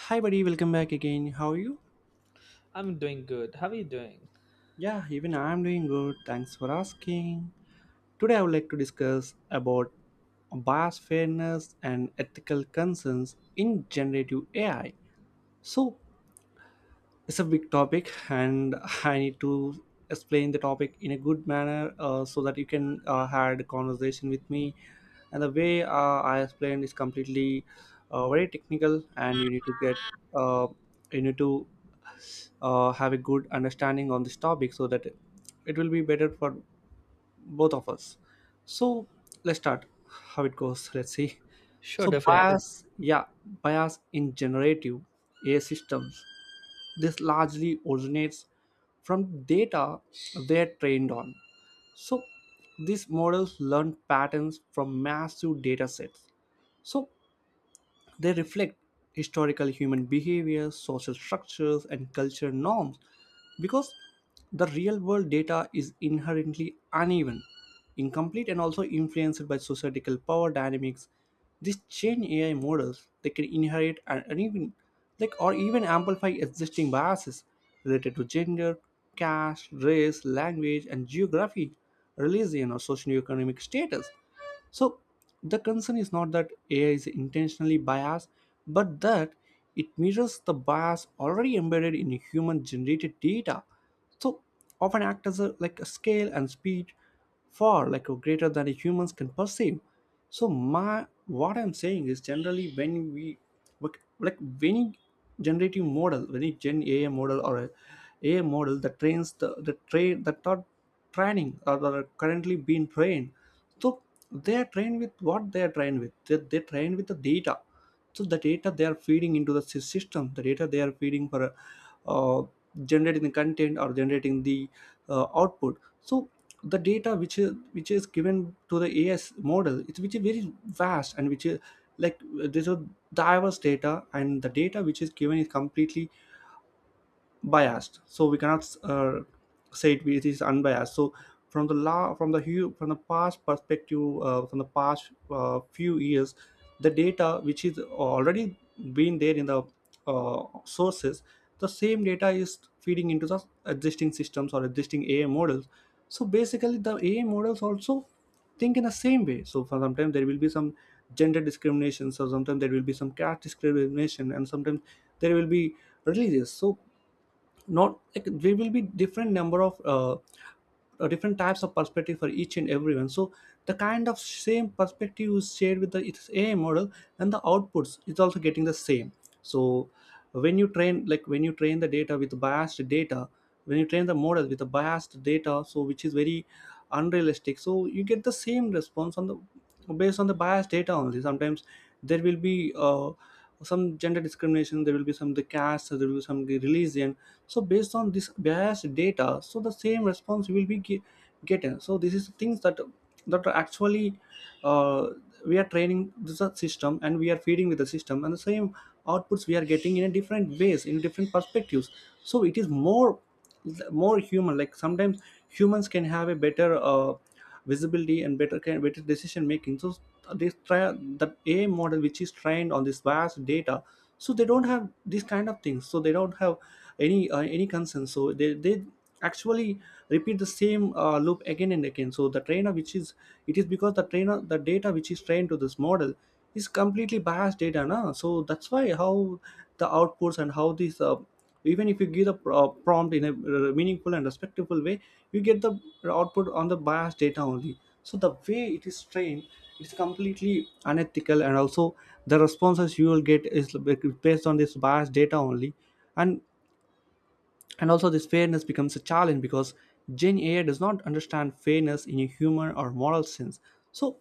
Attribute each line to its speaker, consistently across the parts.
Speaker 1: Hi, buddy, welcome back again. How are you?
Speaker 2: I'm doing good. How are you doing?
Speaker 1: Yeah, even I'm doing good. Thanks for asking. Today, I would like to discuss about bias fairness and ethical concerns in generative AI. So, it's a big topic, and I need to explain the topic in a good manner, so that you can had a conversation with me. And the way I explained is completely very technical, and you need to get uh, you need to have a good understanding on this topic, so that it will be better for both of us. So let's start how it goes. Let's see.
Speaker 2: Sure,
Speaker 1: Okay,
Speaker 2: definitely.
Speaker 1: bias, yeah, bias in generative AI systems, this largely originates from data they're trained on. So these models learn patterns from massive data sets, so they reflect historical human behavior, social structures, and cultural norms, because the real world data is inherently uneven, incomplete, and also influenced by societal power dynamics. These chain AI models, they can inherit and even like or even amplify existing biases related to gender, caste, race, language, and geography, religion, or socioeconomic status. So the concern is not that AI is intentionally biased, but that it mirrors the bias already embedded in human generated data. So often act as a, like a scale and speed far like or greater than humans can perceive. So my, what I'm saying is, generally when we like when generative model, when a gen AI model or a AI model that trains the train that are training or that are currently being trained. So they are trained with what they are trained with, they trained with the data. So the data they are feeding into the system, the data they are feeding for uh, generating the content or generating the output. So the data which is given to the as model, it's which is very vast and which is like there's a diverse data, and the data which is given is completely biased. So we cannot say it, it is unbiased. So from the law, from the from the past perspective, from the past few years, the data which is already been there in the sources, the same data is feeding into the existing systems or existing AI models. So basically the AI models also think in the same way. So for sometimes there will be some gender discrimination, so sometimes there will be some caste discrimination, and sometimes there will be religious. So, not like, there will be different number of different types of perspective for each and everyone. So the kind of same perspective is shared with the its AI model, and the outputs is also getting the same. So when you train, like when you train the data with biased data, when you train the model with the biased data, so which is very unrealistic, so you get the same response on the, based on the biased data only. Sometimes there will be some gender discrimination, there will be some the caste, there will be some the religion. So based on this biased data, so the same response will be getting. So this is things that that are actually, uh, we are training the system and we are feeding with the system, and the same outputs we are getting in a different ways, in different perspectives. So it is more, more human like. Sometimes humans can have a better visibility and better kind, better decision making. So this try that AI model which is trained on this vast data, so they don't have these kind of things, so they don't have any concern. So they actually repeat the same loop again and again. So the trainer which is, it is because the trainer, the data which is trained to this model is completely biased data, na? So that's why how the outputs and how these even if you give the prompt in a meaningful and respectful way, you get the output on the biased data only. So the way it is trained, it's completely unethical, and also the responses you will get is like, based on this biased data only. And also, this fairness becomes a challenge because Gen AI does not understand fairness in a human or moral sense. So,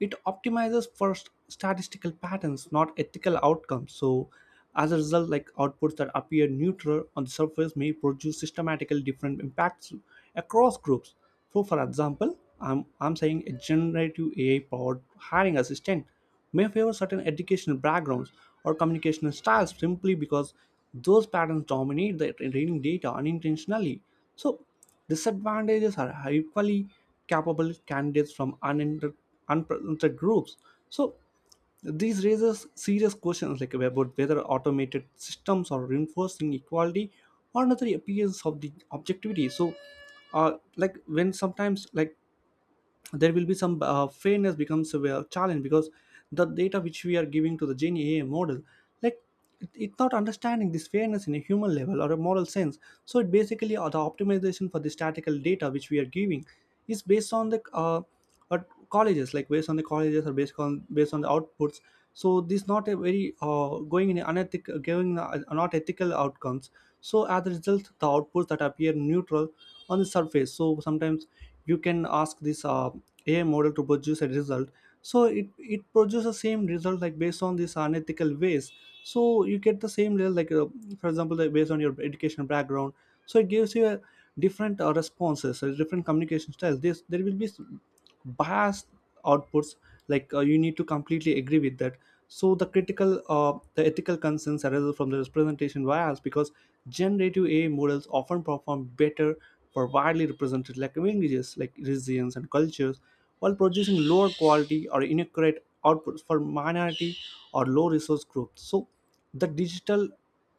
Speaker 1: it optimizes for statistical patterns, not ethical outcomes. So, as a result, like outputs that appear neutral on the surface may produce systematically different impacts across groups. So, for example, I'm saying a generative AI powered hiring assistant may favor certain educational backgrounds or communication styles simply because those patterns dominate the training data unintentionally. So, disadvantages are equally capable candidates from unprotected groups. So, these raises serious questions like about whether automated systems are reinforcing equality or another appearance of the objectivity. So, like when sometimes like there will be some, fairness becomes a, well, challenge, because the data which we are giving to the Gen AI model, like it, it's not understanding this fairness in a human level or a moral sense. So it basically, the optimization for the statistical data which we are giving is based on the uh, colleges, like based on the colleges or based on, based on the outputs. So this not a very going in unethical, giving not ethical outcomes. So as a result, the outputs that appear neutral on the surface, so sometimes you can ask this AI model to produce a result, so it produces the same result like based on these unethical ways. So you get the same level like, for example like based on your education background, so it gives you a different responses, different communication styles. This there will be vast outputs, like you need to completely agree with that. So the critical, the ethical concerns arise from the representation bias, because generative AI models often perform better for widely represented like languages, like regions and cultures, while producing lower quality or inaccurate outputs for minority or low resource groups. So the digital,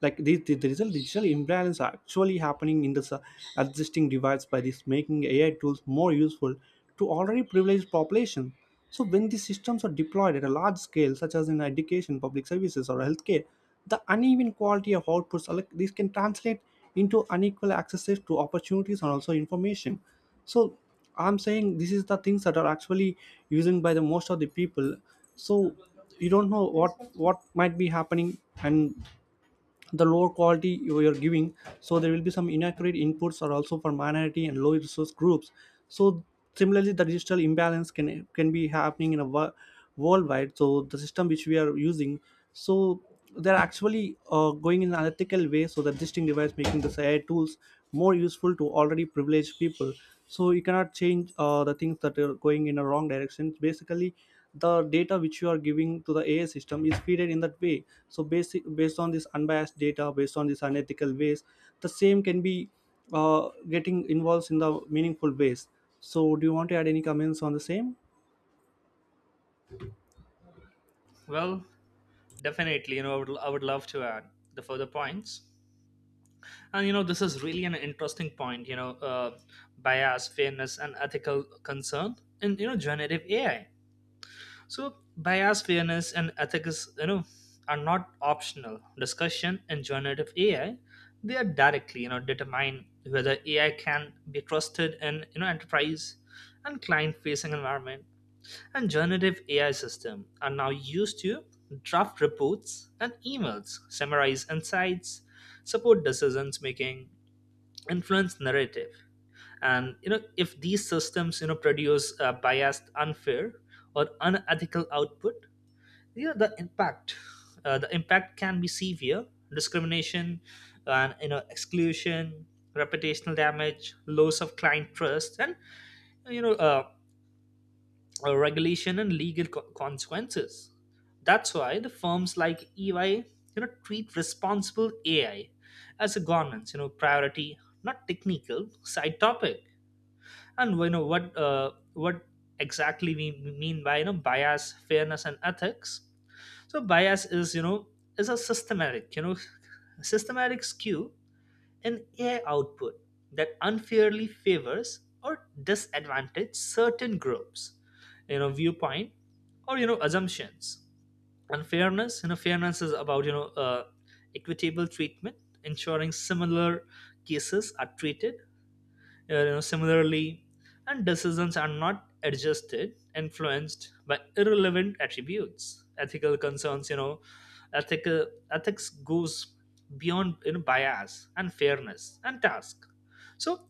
Speaker 1: like the result digital imbalance are actually happening in the existing device, by this making AI tools more useful to already privileged population. So when these systems are deployed at a large scale, such as in education, public services or healthcare, the uneven quality of outputs are like these can translate into unequal access to opportunities and also information. So I'm saying this is the things that are actually using by the most of the people. So you don't know what might be happening, and the lower quality you are giving, so there will be some inaccurate inputs are also for minority and low resource groups. So similarly the digital imbalance can be happening in a worldwide. So the system which we are using, so they're actually going in an unethical way. So the existing device making the AI tools more useful to already privileged people. So you cannot change the things that are going in a wrong direction. Basically the data which you are giving to the AI system is fed in that way. So basic, based on this unbiased data, based on this unethical ways, the same can be getting involved in the meaningful ways. So do you want to add any comments on the same?
Speaker 2: Well, definitely. I would love to add the further points. And this is an interesting point. Bias is an ethical concern in generative AI. So, bias, fairness, and ethics, are not optional discussion in generative AI. They are directly determine whether AI can be trusted in enterprise and client-facing environment, and generative AI system are now used to draft reports and emails, summarize insights, support decisions making, influence narrative. And if these systems produce biased, unfair, or unethical output, you know the impact. the impact can be severe: discrimination, and exclusion, reputational damage, loss of client trust, and you know uh, regulation and legal consequences. That's why the firms like EY, treat responsible AI as a governance, priority, not technical side topic. And what exactly we mean by bias, fairness, and ethics. So bias is a systematic skew an AI output that unfairly favors or disadvantages certain groups, viewpoint or assumptions. Unfairness, fairness is about equitable treatment, ensuring similar cases are treated similarly, and decisions are not adjusted, influenced by irrelevant attributes. Ethical concerns, ethical ethics goes beyond bias and fairness and task. So,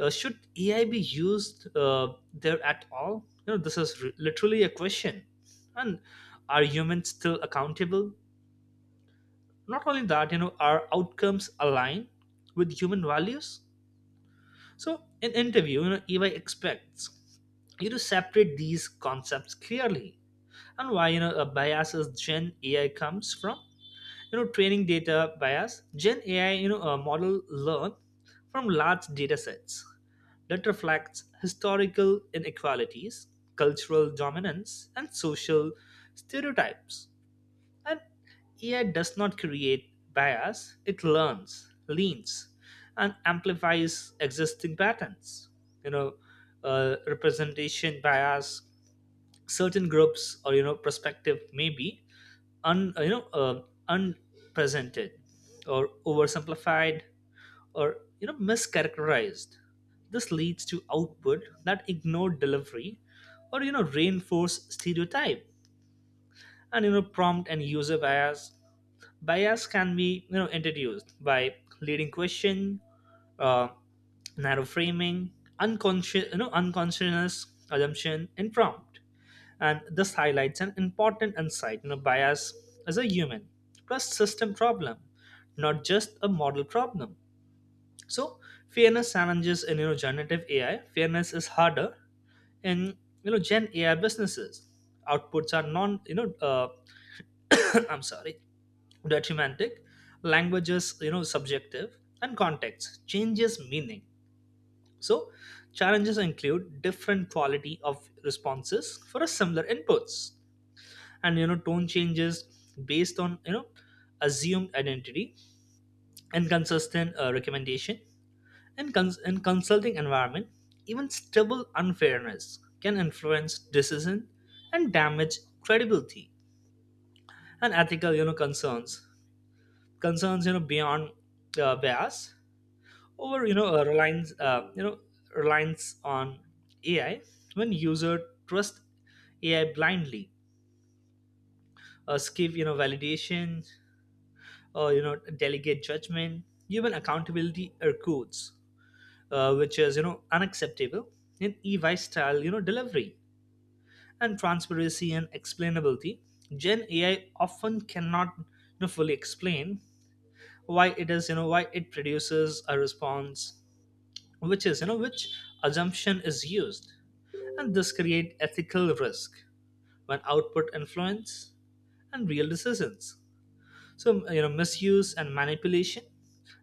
Speaker 2: should AI be used there at all? Literally a question. And are humans still accountable? Not only that, are outcomes aligned with human values? So, in interview, EY expects you to separate these concepts clearly and why a bias Gen AI comes from. You know, training data bias. Gen AI, a model learn from large data sets that reflects historical inequalities, cultural dominance, and social stereotypes. And AI does not create bias, it learns, leans, and amplifies existing patterns. You know, Representation bias, certain groups or perspective may be un you know unpresented or oversimplified or mischaracterized. This leads to output that ignore delivery or reinforce stereotype. And prompt and user bias can be introduced by leading question, uh, narrow framing, unconscious you know unconscious assumption and prompt. And this highlights an important insight: bias is a human plus system problem, not just a model problem. So fairness challenges in generative AI, fairness is harder in gen AI businesses. Outputs are non I'm sorry, detrimentic. Language is subjective and context changes meaning. So challenges include different quality of responses for a similar inputs, and tone changes based on assumed identity, inconsistent recommendation. And in consulting environment, even stable unfairness can influence decision and damage credibility. And ethical concerns beyond bias, or you know a reliance you know reliance on AI. When user trust AI blindly, skip validation or delegate judgment, even accountability or codes, which is unacceptable in EY style delivery. And transparency and explainability: Gen AI often cannot fully explain why it is, why it produces a response, which is which assumption is used. And this create ethical risk when output influence and real decisions. So misuse and manipulation,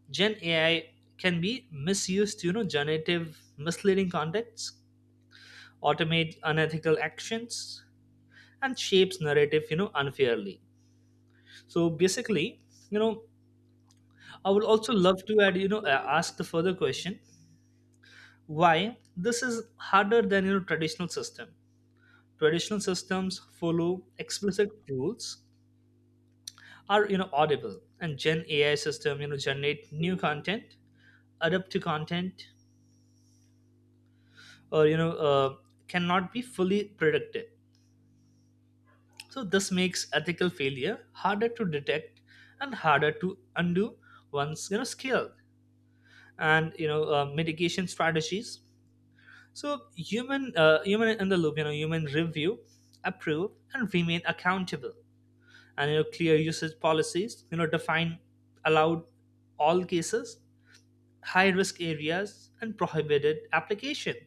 Speaker 2: gen AI can be misused to generative misleading contents, automate unethical actions, and shapes narrative unfairly. So basically, you know I would also love to add, ask the further question: why this is harder than traditional system? Traditional systems follow explicit rules, are audible, and Gen AI system generate new content, adapt to content, or cannot be fully predicted. So this makes ethical failure harder to detect and harder to undo once scaled. And mitigation strategies. So human in the loop, human review, approve, and remain accountable. And clear usage policies define allowed all cases, high risk areas and prohibited application,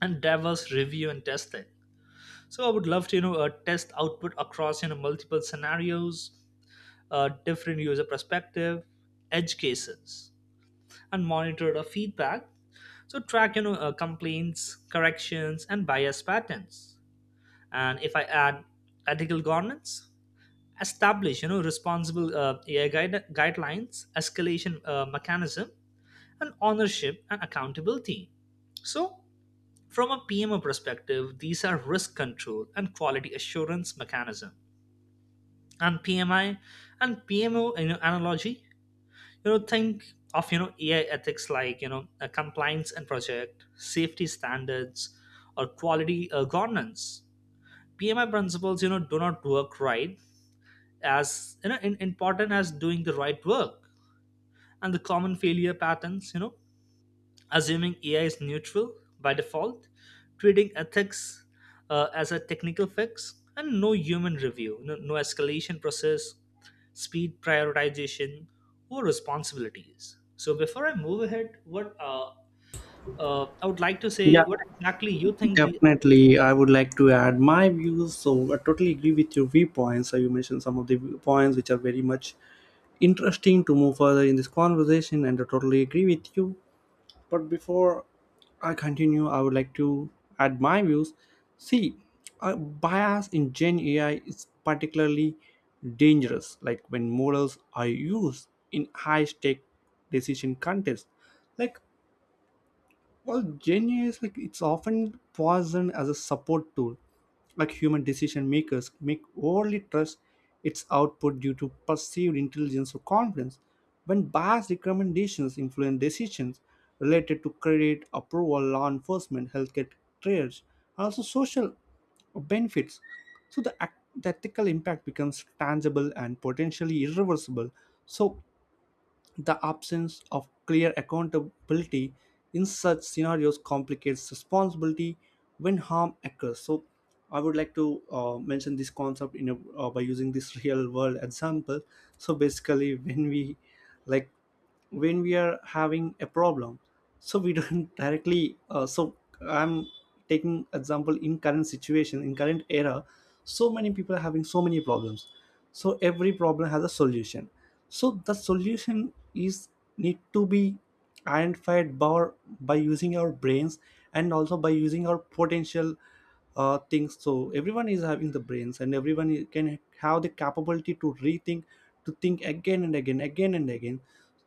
Speaker 2: and diverse review and testing. So I would love to test output across multiple scenarios, different user perspective, edge cases, and monitor the feedback. So track complaints, corrections and bias patterns. And if I add ethical governance: establish responsible AI guidelines, escalation mechanism, and ownership and accountability. So, from a PMO perspective, these are risk control and quality assurance mechanism. And PMI and PMO, analogy, think of AI ethics like compliance and project safety standards or quality governance. PMI principles, do not work right as important as doing the right work. And the common failure patterns, assuming AI is neutral by default, treating ethics as a technical fix, and no human review, no escalation process, speed prioritization or responsibilities. So before I move ahead, what I would like to say
Speaker 1: Yeah,
Speaker 2: what exactly you think. The
Speaker 1: definitely. I would like to add my views. So I totally agree with your viewpoints. So you mentioned some of the points which are very much interesting to move further in this conversation, and I totally agree with you. But before I continue, I would like to add my views. See, bias in Gen AI is particularly dangerous, like when models are used in high stake decision contests. Like, well, Gen AI is like it's often poisoned as a support tool, like human decision makers make overly trust its output due to perceived intelligence or confidence. When biased recommendations influence decisions related to credit, approval, law enforcement, healthcare trades, and also social benefits, so the, the ethical impact becomes tangible and potentially irreversible. So the absence of clear accountability in such scenarios complicates responsibility when harm occurs. So, I would like to mention this concept in a, by using this real world example. So, basically, like when we are having a problem, so we don't directly So I'm taking example in current situation in current era. So many people are having so many problems, so every problem has a solution. So the solution is need to be identified by using our brains and also by using our potential things. So everyone is having the brains and everyone can have the capability to rethink, to think again and again.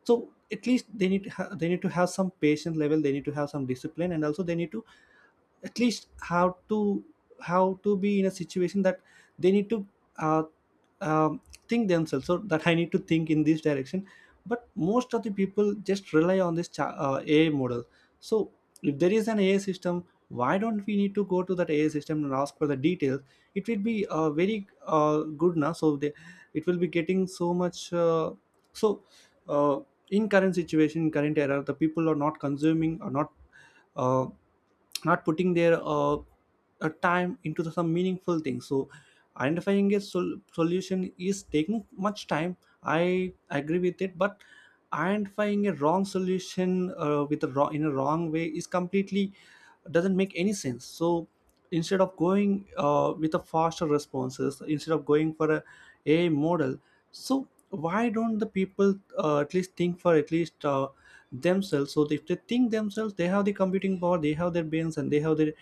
Speaker 1: So at least they need to have some patience level, they need to have some discipline, and also they need to at least have to be in a situation that they need to uh, um, think themselves, so that I need to think in this direction. But most of the people just rely on this ai model. So if there is an ai system, why don't we need to go to that ai system and ask for the details? It will be very good now. So they, it will be getting so much so uh, in current situation current era, the people are not consuming or not uh, not putting their time into the, some meaningful things. So identifying a solution is taking much time. I agree with it, but identifying a wrong solution with a wrong in a wrong way is completely doesn't make any sense. So instead of going with a faster responses, instead of going for a model, so why don't the people at least think for at least themselves? So if they think themselves, they have the computing power, they have their brains, and they have their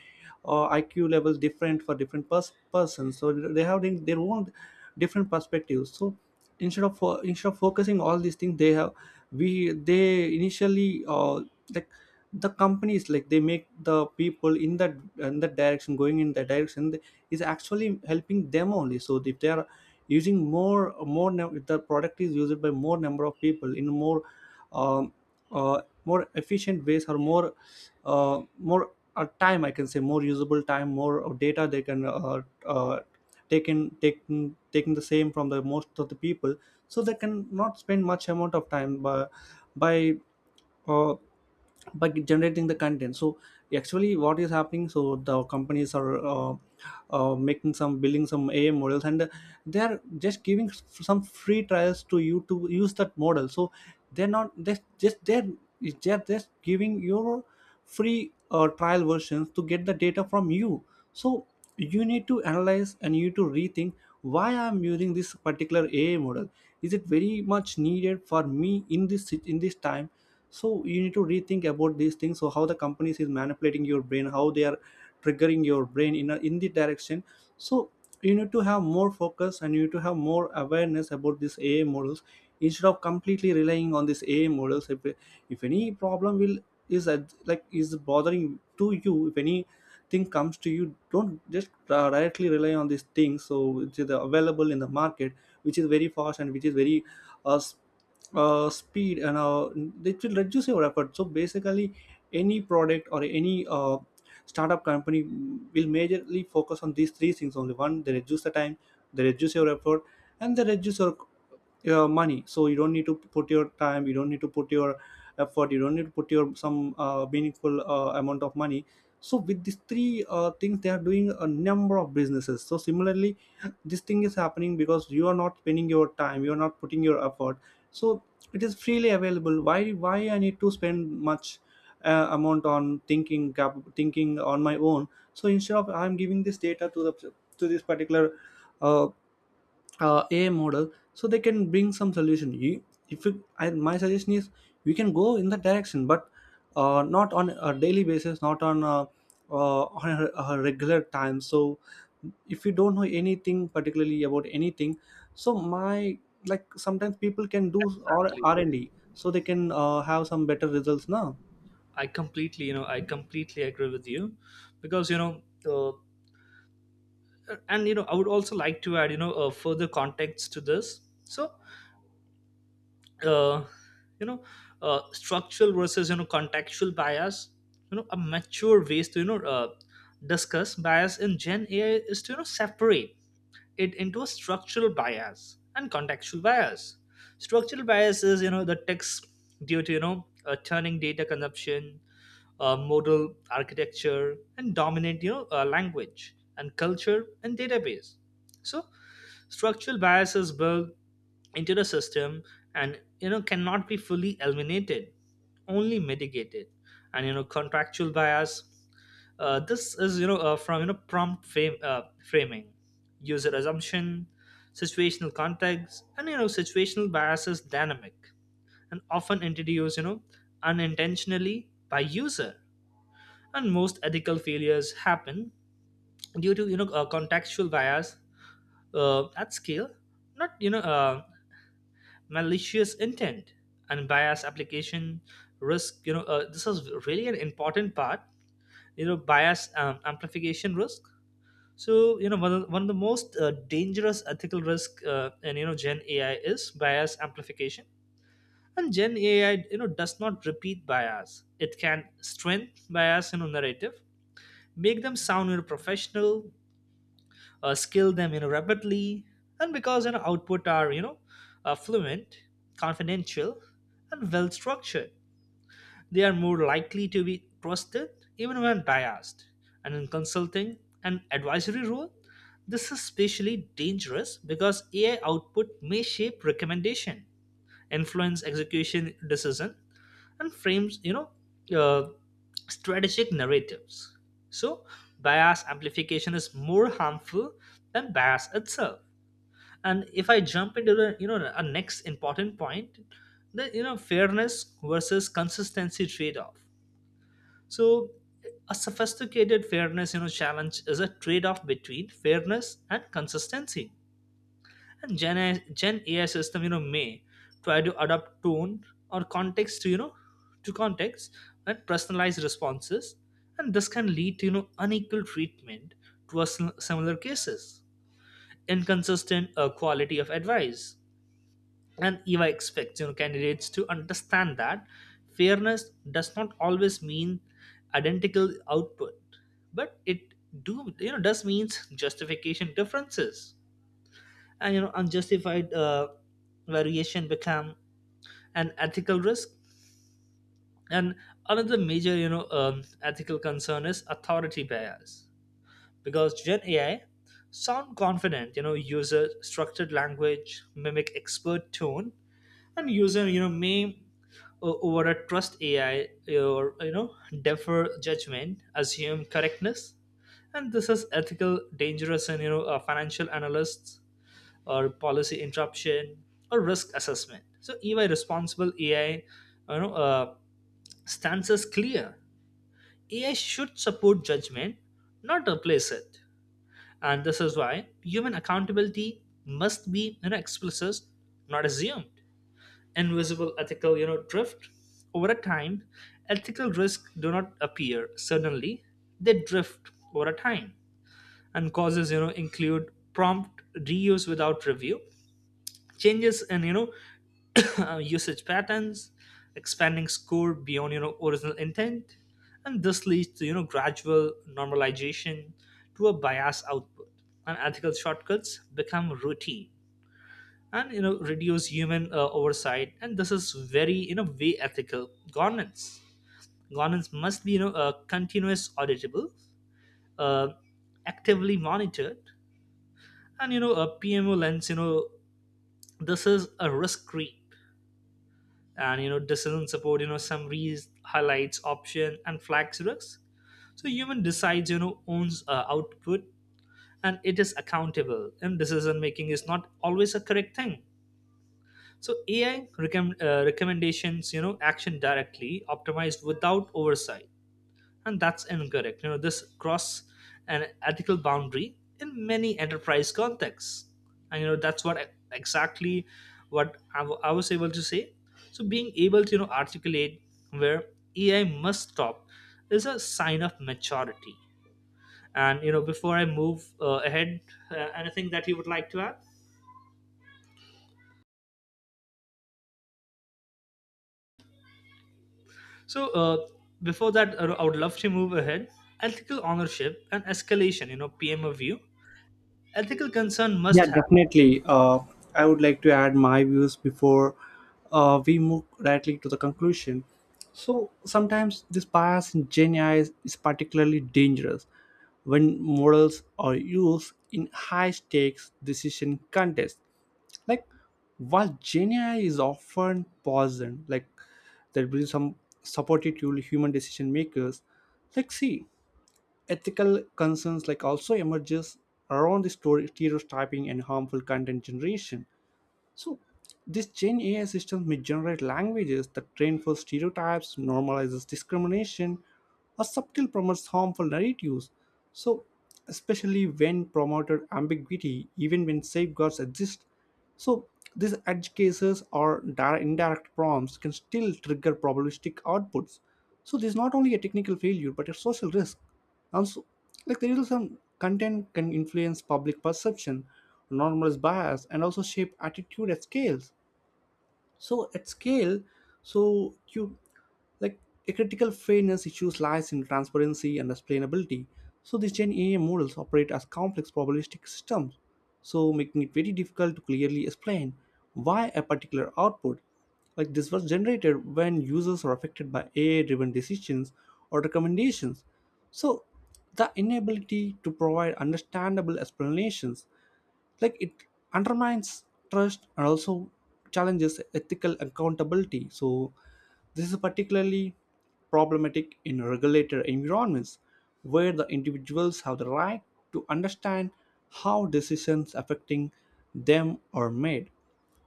Speaker 1: iq levels different for different persons. So they have their own different perspectives. So instead of focusing all these things, they have we they initially like the companies like, they make the people in that direction, going in that direction is actually helping them only. So if they are using if the product is used by more number of people in more um, more efficient ways, or more more time, I can say more usable time, more of data they can take in taking the same from the most of the people. So they can not spend much amount of time by uh, by generating the content. So actually what is happening, so the companies are making some building some ai models, and they are just giving some free trials to you to use that model. So they're not they just they're just giving your free trial versions to get the data from you. So you need to analyze and you need to rethink, why I'm using this particular ai model? Is it very much needed for me in in this time? So you need to rethink about these things, so how the companies is manipulating your brain, how they are triggering your brain in the direction. So you need to have more focus and you need to have more awareness about these ai models, instead of completely relying on these ai models. If any problem will is that like is bothering to you, if anything comes to you, don't just directly rely on these things, so which is available in the market, which is very fast and which is very uh, s- speed, and it will reduce your effort. So basically any product or any startup company will majorly focus on these three things only. One, they reduce the time, they reduce your effort, and they reduce your money. So you don't need to put your time, you don't need to put your effort, you don't need to put your some meaningful amount of money. So with these three things, they are doing a number of businesses. So similarly, this thing is happening because you are not spending your time, you are not putting your effort. So it is freely available, why I need to spend much amount on thinking on my own. So instead of I'm giving this data to this particular uh, AI model, so they can bring some solution. You, if you, I, My suggestion is we can go in that direction, but not on a daily basis, not on on a regular time. So if you don't know anything particularly about anything, so my, like sometimes people can do or
Speaker 2: exactly
Speaker 1: R&D, so they can have some better results now.
Speaker 2: I completely, I completely agree with you, because uh, and I would also like to add further context to this. So uh, you know structural versus contextual bias, a mature ways to discuss bias in gen AI is to separate it into a structural bias and contextual bias. Structural bias is the text due to turning data consumption, modal architecture, and dominant language and culture and database. So structural biases built into the system and cannot be fully eliminated, only mitigated. And contractual bias, this is from prompt framing, user assumption, situational context. And situational bias is dynamic and often introduced unintentionally by user. And most ethical failures happen due to contextual bias at scale, not malicious intent. Unbiased application risk, this is really an important part. Bias amplification risk, so one of the most dangerous ethical risk in gen AI is bias amplification. And gen AI does not repeat bias, it can strengthen bias in a narrative, make them sound professional, skill them rapidly. And because output are fluent, confidential, and well structured, they are more likely to be trusted even when biased. And in consulting and advisory role, this is especially dangerous because AI output may shape recommendation, influence execution decision, and frames uh, strategic narratives. So bias amplification is more harmful than bias itself. And if I jump into the a next important point, the fairness versus consistency trade-off. So a sophisticated fairness challenge is a trade-off between fairness and consistency. And Gen AI system, may try to adapt tone or context to, to context, and personalized responses. And this can lead to, unequal treatment towards similar cases, inconsistent quality of advice. And EVA expects, candidates to understand that fairness does not always mean identical output, but it do, does means justification differences. And unjustified variation become an ethical risk. And another major ethical concern is authority bias, because gen AI sound confident, user structured language, mimic expert tone. And user may over a trust AI, or defer judgment, assume correctness. And this is ethical dangerous, and financial analysts or policy interruption or risk assessment. So EY responsible AI, you know, uh, stance is clear. AI should support judgment, not replace it. And this is why human accountability must be explicit, not assumed. Invisible ethical, drift. Over a time, ethical risks do not appear suddenly. They drift over a time. And causes, include prompt reuse without review, changes in usage patterns, expanding score beyond original intent. And this leads to gradual normalization to a bias output, and ethical shortcuts become routine and reduce human oversight. And this is very way ethical governance. Governance must be continuous, auditable, uh, actively monitored. And a PMO lens, this is a risk screen, and doesn't support summaries, highlights option and flags risks. So human decides, owns output, and it is accountable. And decision making is not always a correct thing. So AI recommendations, action directly optimized without oversight, and that's incorrect. This cross an ethical boundary in many enterprise contexts. And that's what exactly I was able to say. So being able to articulate where AI must stop is a sign of maturity. And before I move ahead, anything that you would like to add? So before that, I would love to move ahead. Ethical ownership and escalation, PM view, ethical concern must
Speaker 1: Yeah,
Speaker 2: have.
Speaker 1: definitely. I would like to add my views before we move directly to the conclusion. So sometimes this bias in Gen AI is particularly dangerous when models are used in high stakes decision contests. Like while Gen AI is often poisoned, like there will be some substitute human decision makers. Like see, ethical concerns like also emerges around the story stereotyping and harmful content generation. So this gen ai system may generate languages that train for stereotypes, normalizes discrimination, or subtle promotes harmful narratives, so especially when promoted ambiguity, even when safeguards exist. So these edge cases or indirect prompts can still trigger probabilistic outputs. So this is not only a technical failure, but a social risk. Also, like there is some content can influence public perception, normalize bias, and also shape attitude at scales. So at scale, so you, like a critical fairness issues lies in transparency and explainability. So these Gen AI models operate as complex probabilistic systems, so making it very difficult to clearly explain why a particular output like this was generated, when users are affected by AI-driven decisions or recommendations. So the inability to provide understandable explanations, like it undermines trust and also challenges ethical accountability. So this is particularly problematic in regulated environments where the individuals have the right to understand how decisions affecting them are made.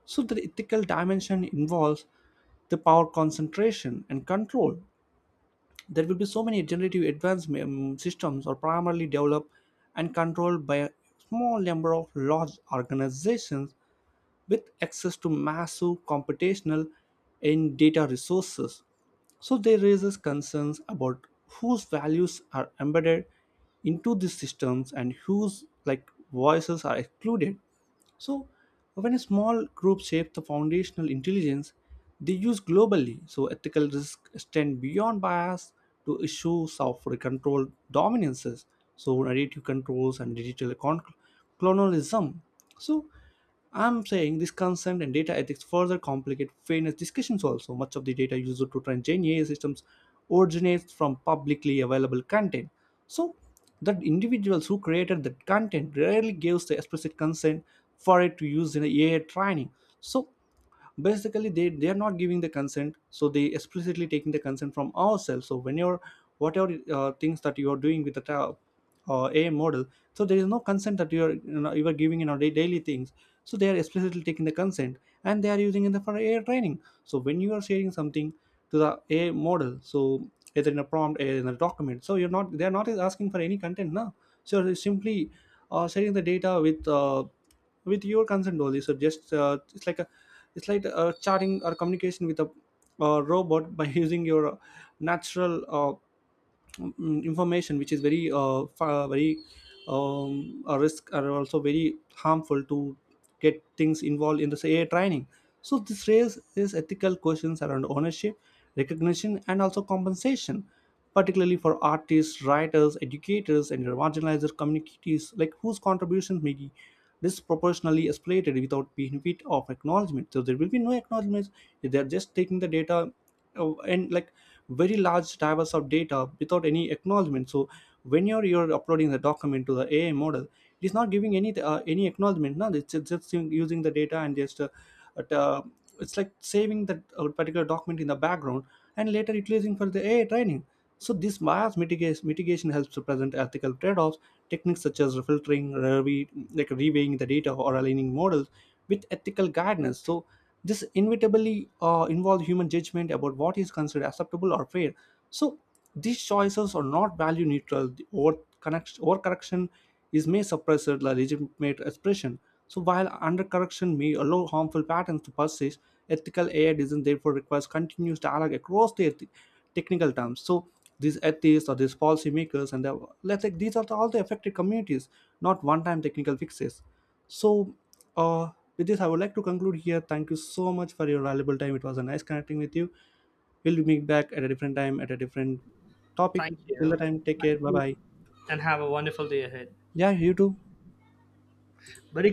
Speaker 1: So the ethical dimension involves the power concentration and control. There will be so many generative advanced systems are primarily developed and controlled by a small number of large organizations with access to massive computational and data resources. So they raises concerns about whose values are embedded into these systems and whose, like, voices are excluded. So when a small group shapes the foundational intelligence they use globally, so ethical risks extend beyond bias to issues of control dominances, so narrative controls and digital colonialism. So I'm saying this consent and data ethics further complicate fairness discussions also. Much of the data used to train Gen AI systems originates from publicly available content. So the individuals who created that content rarely gives the explicit consent for it to use in a AI training. So basically they are not giving the consent, so they explicitly taking the consent from ourselves. So when you're, whatever things that you are doing with the a I model, so there is no consent that you are, you know, you are giving in our daily things. So they are explicitly taking the consent and they are using it for AI training. So when you are sharing something to the a I model, so either in a prompt or in a document, so you're not they're not asking for any content now. So you're simply sharing the data with your consent only. So just it's like chatting or communication with a robot by using your natural information, which is very very a risk, are also very harmful to get things involved in this AI training. So this raises ethical questions around ownership, recognition, and also compensation, particularly for artists, writers, educators, and marginalized communities, like whose contributions may be disproportionately exploited without benefit of acknowledgement. So there will be no acknowledgement, they're just taking the data, and like very large divers of data without any acknowledgement. So when you're uploading the document to the ai model, it is not giving any acknowledgement, no, it's just using the data and just but it's like saving that particular document in the background and later utilizing for the AI training. So this mitigation helps to present ethical trade-offs. Techniques such as filtering, reweighing the data or aligning models with ethical guidance. So this inevitably involves human judgment about what is considered acceptable or fair. So these choices are not value neutral. The over correction is may suppress the legitimate expression. So while undercorrection may allow harmful patterns to persist, ethical AI design therefore requires continuous dialogue across the technical terms. So these atheists or these policymakers and the, let's say these are the, all the affected communities, not one-time technical fixes. So uh, with this, I would like to conclude here. Thank you so much for your valuable time. It was a nice connecting with you. We'll meet back at a different time at a different topic.
Speaker 2: Thank
Speaker 1: Till the
Speaker 2: you,
Speaker 1: time, take care. Bye bye.
Speaker 2: and have a wonderful day ahead.
Speaker 1: Yeah, you too.
Speaker 2: Very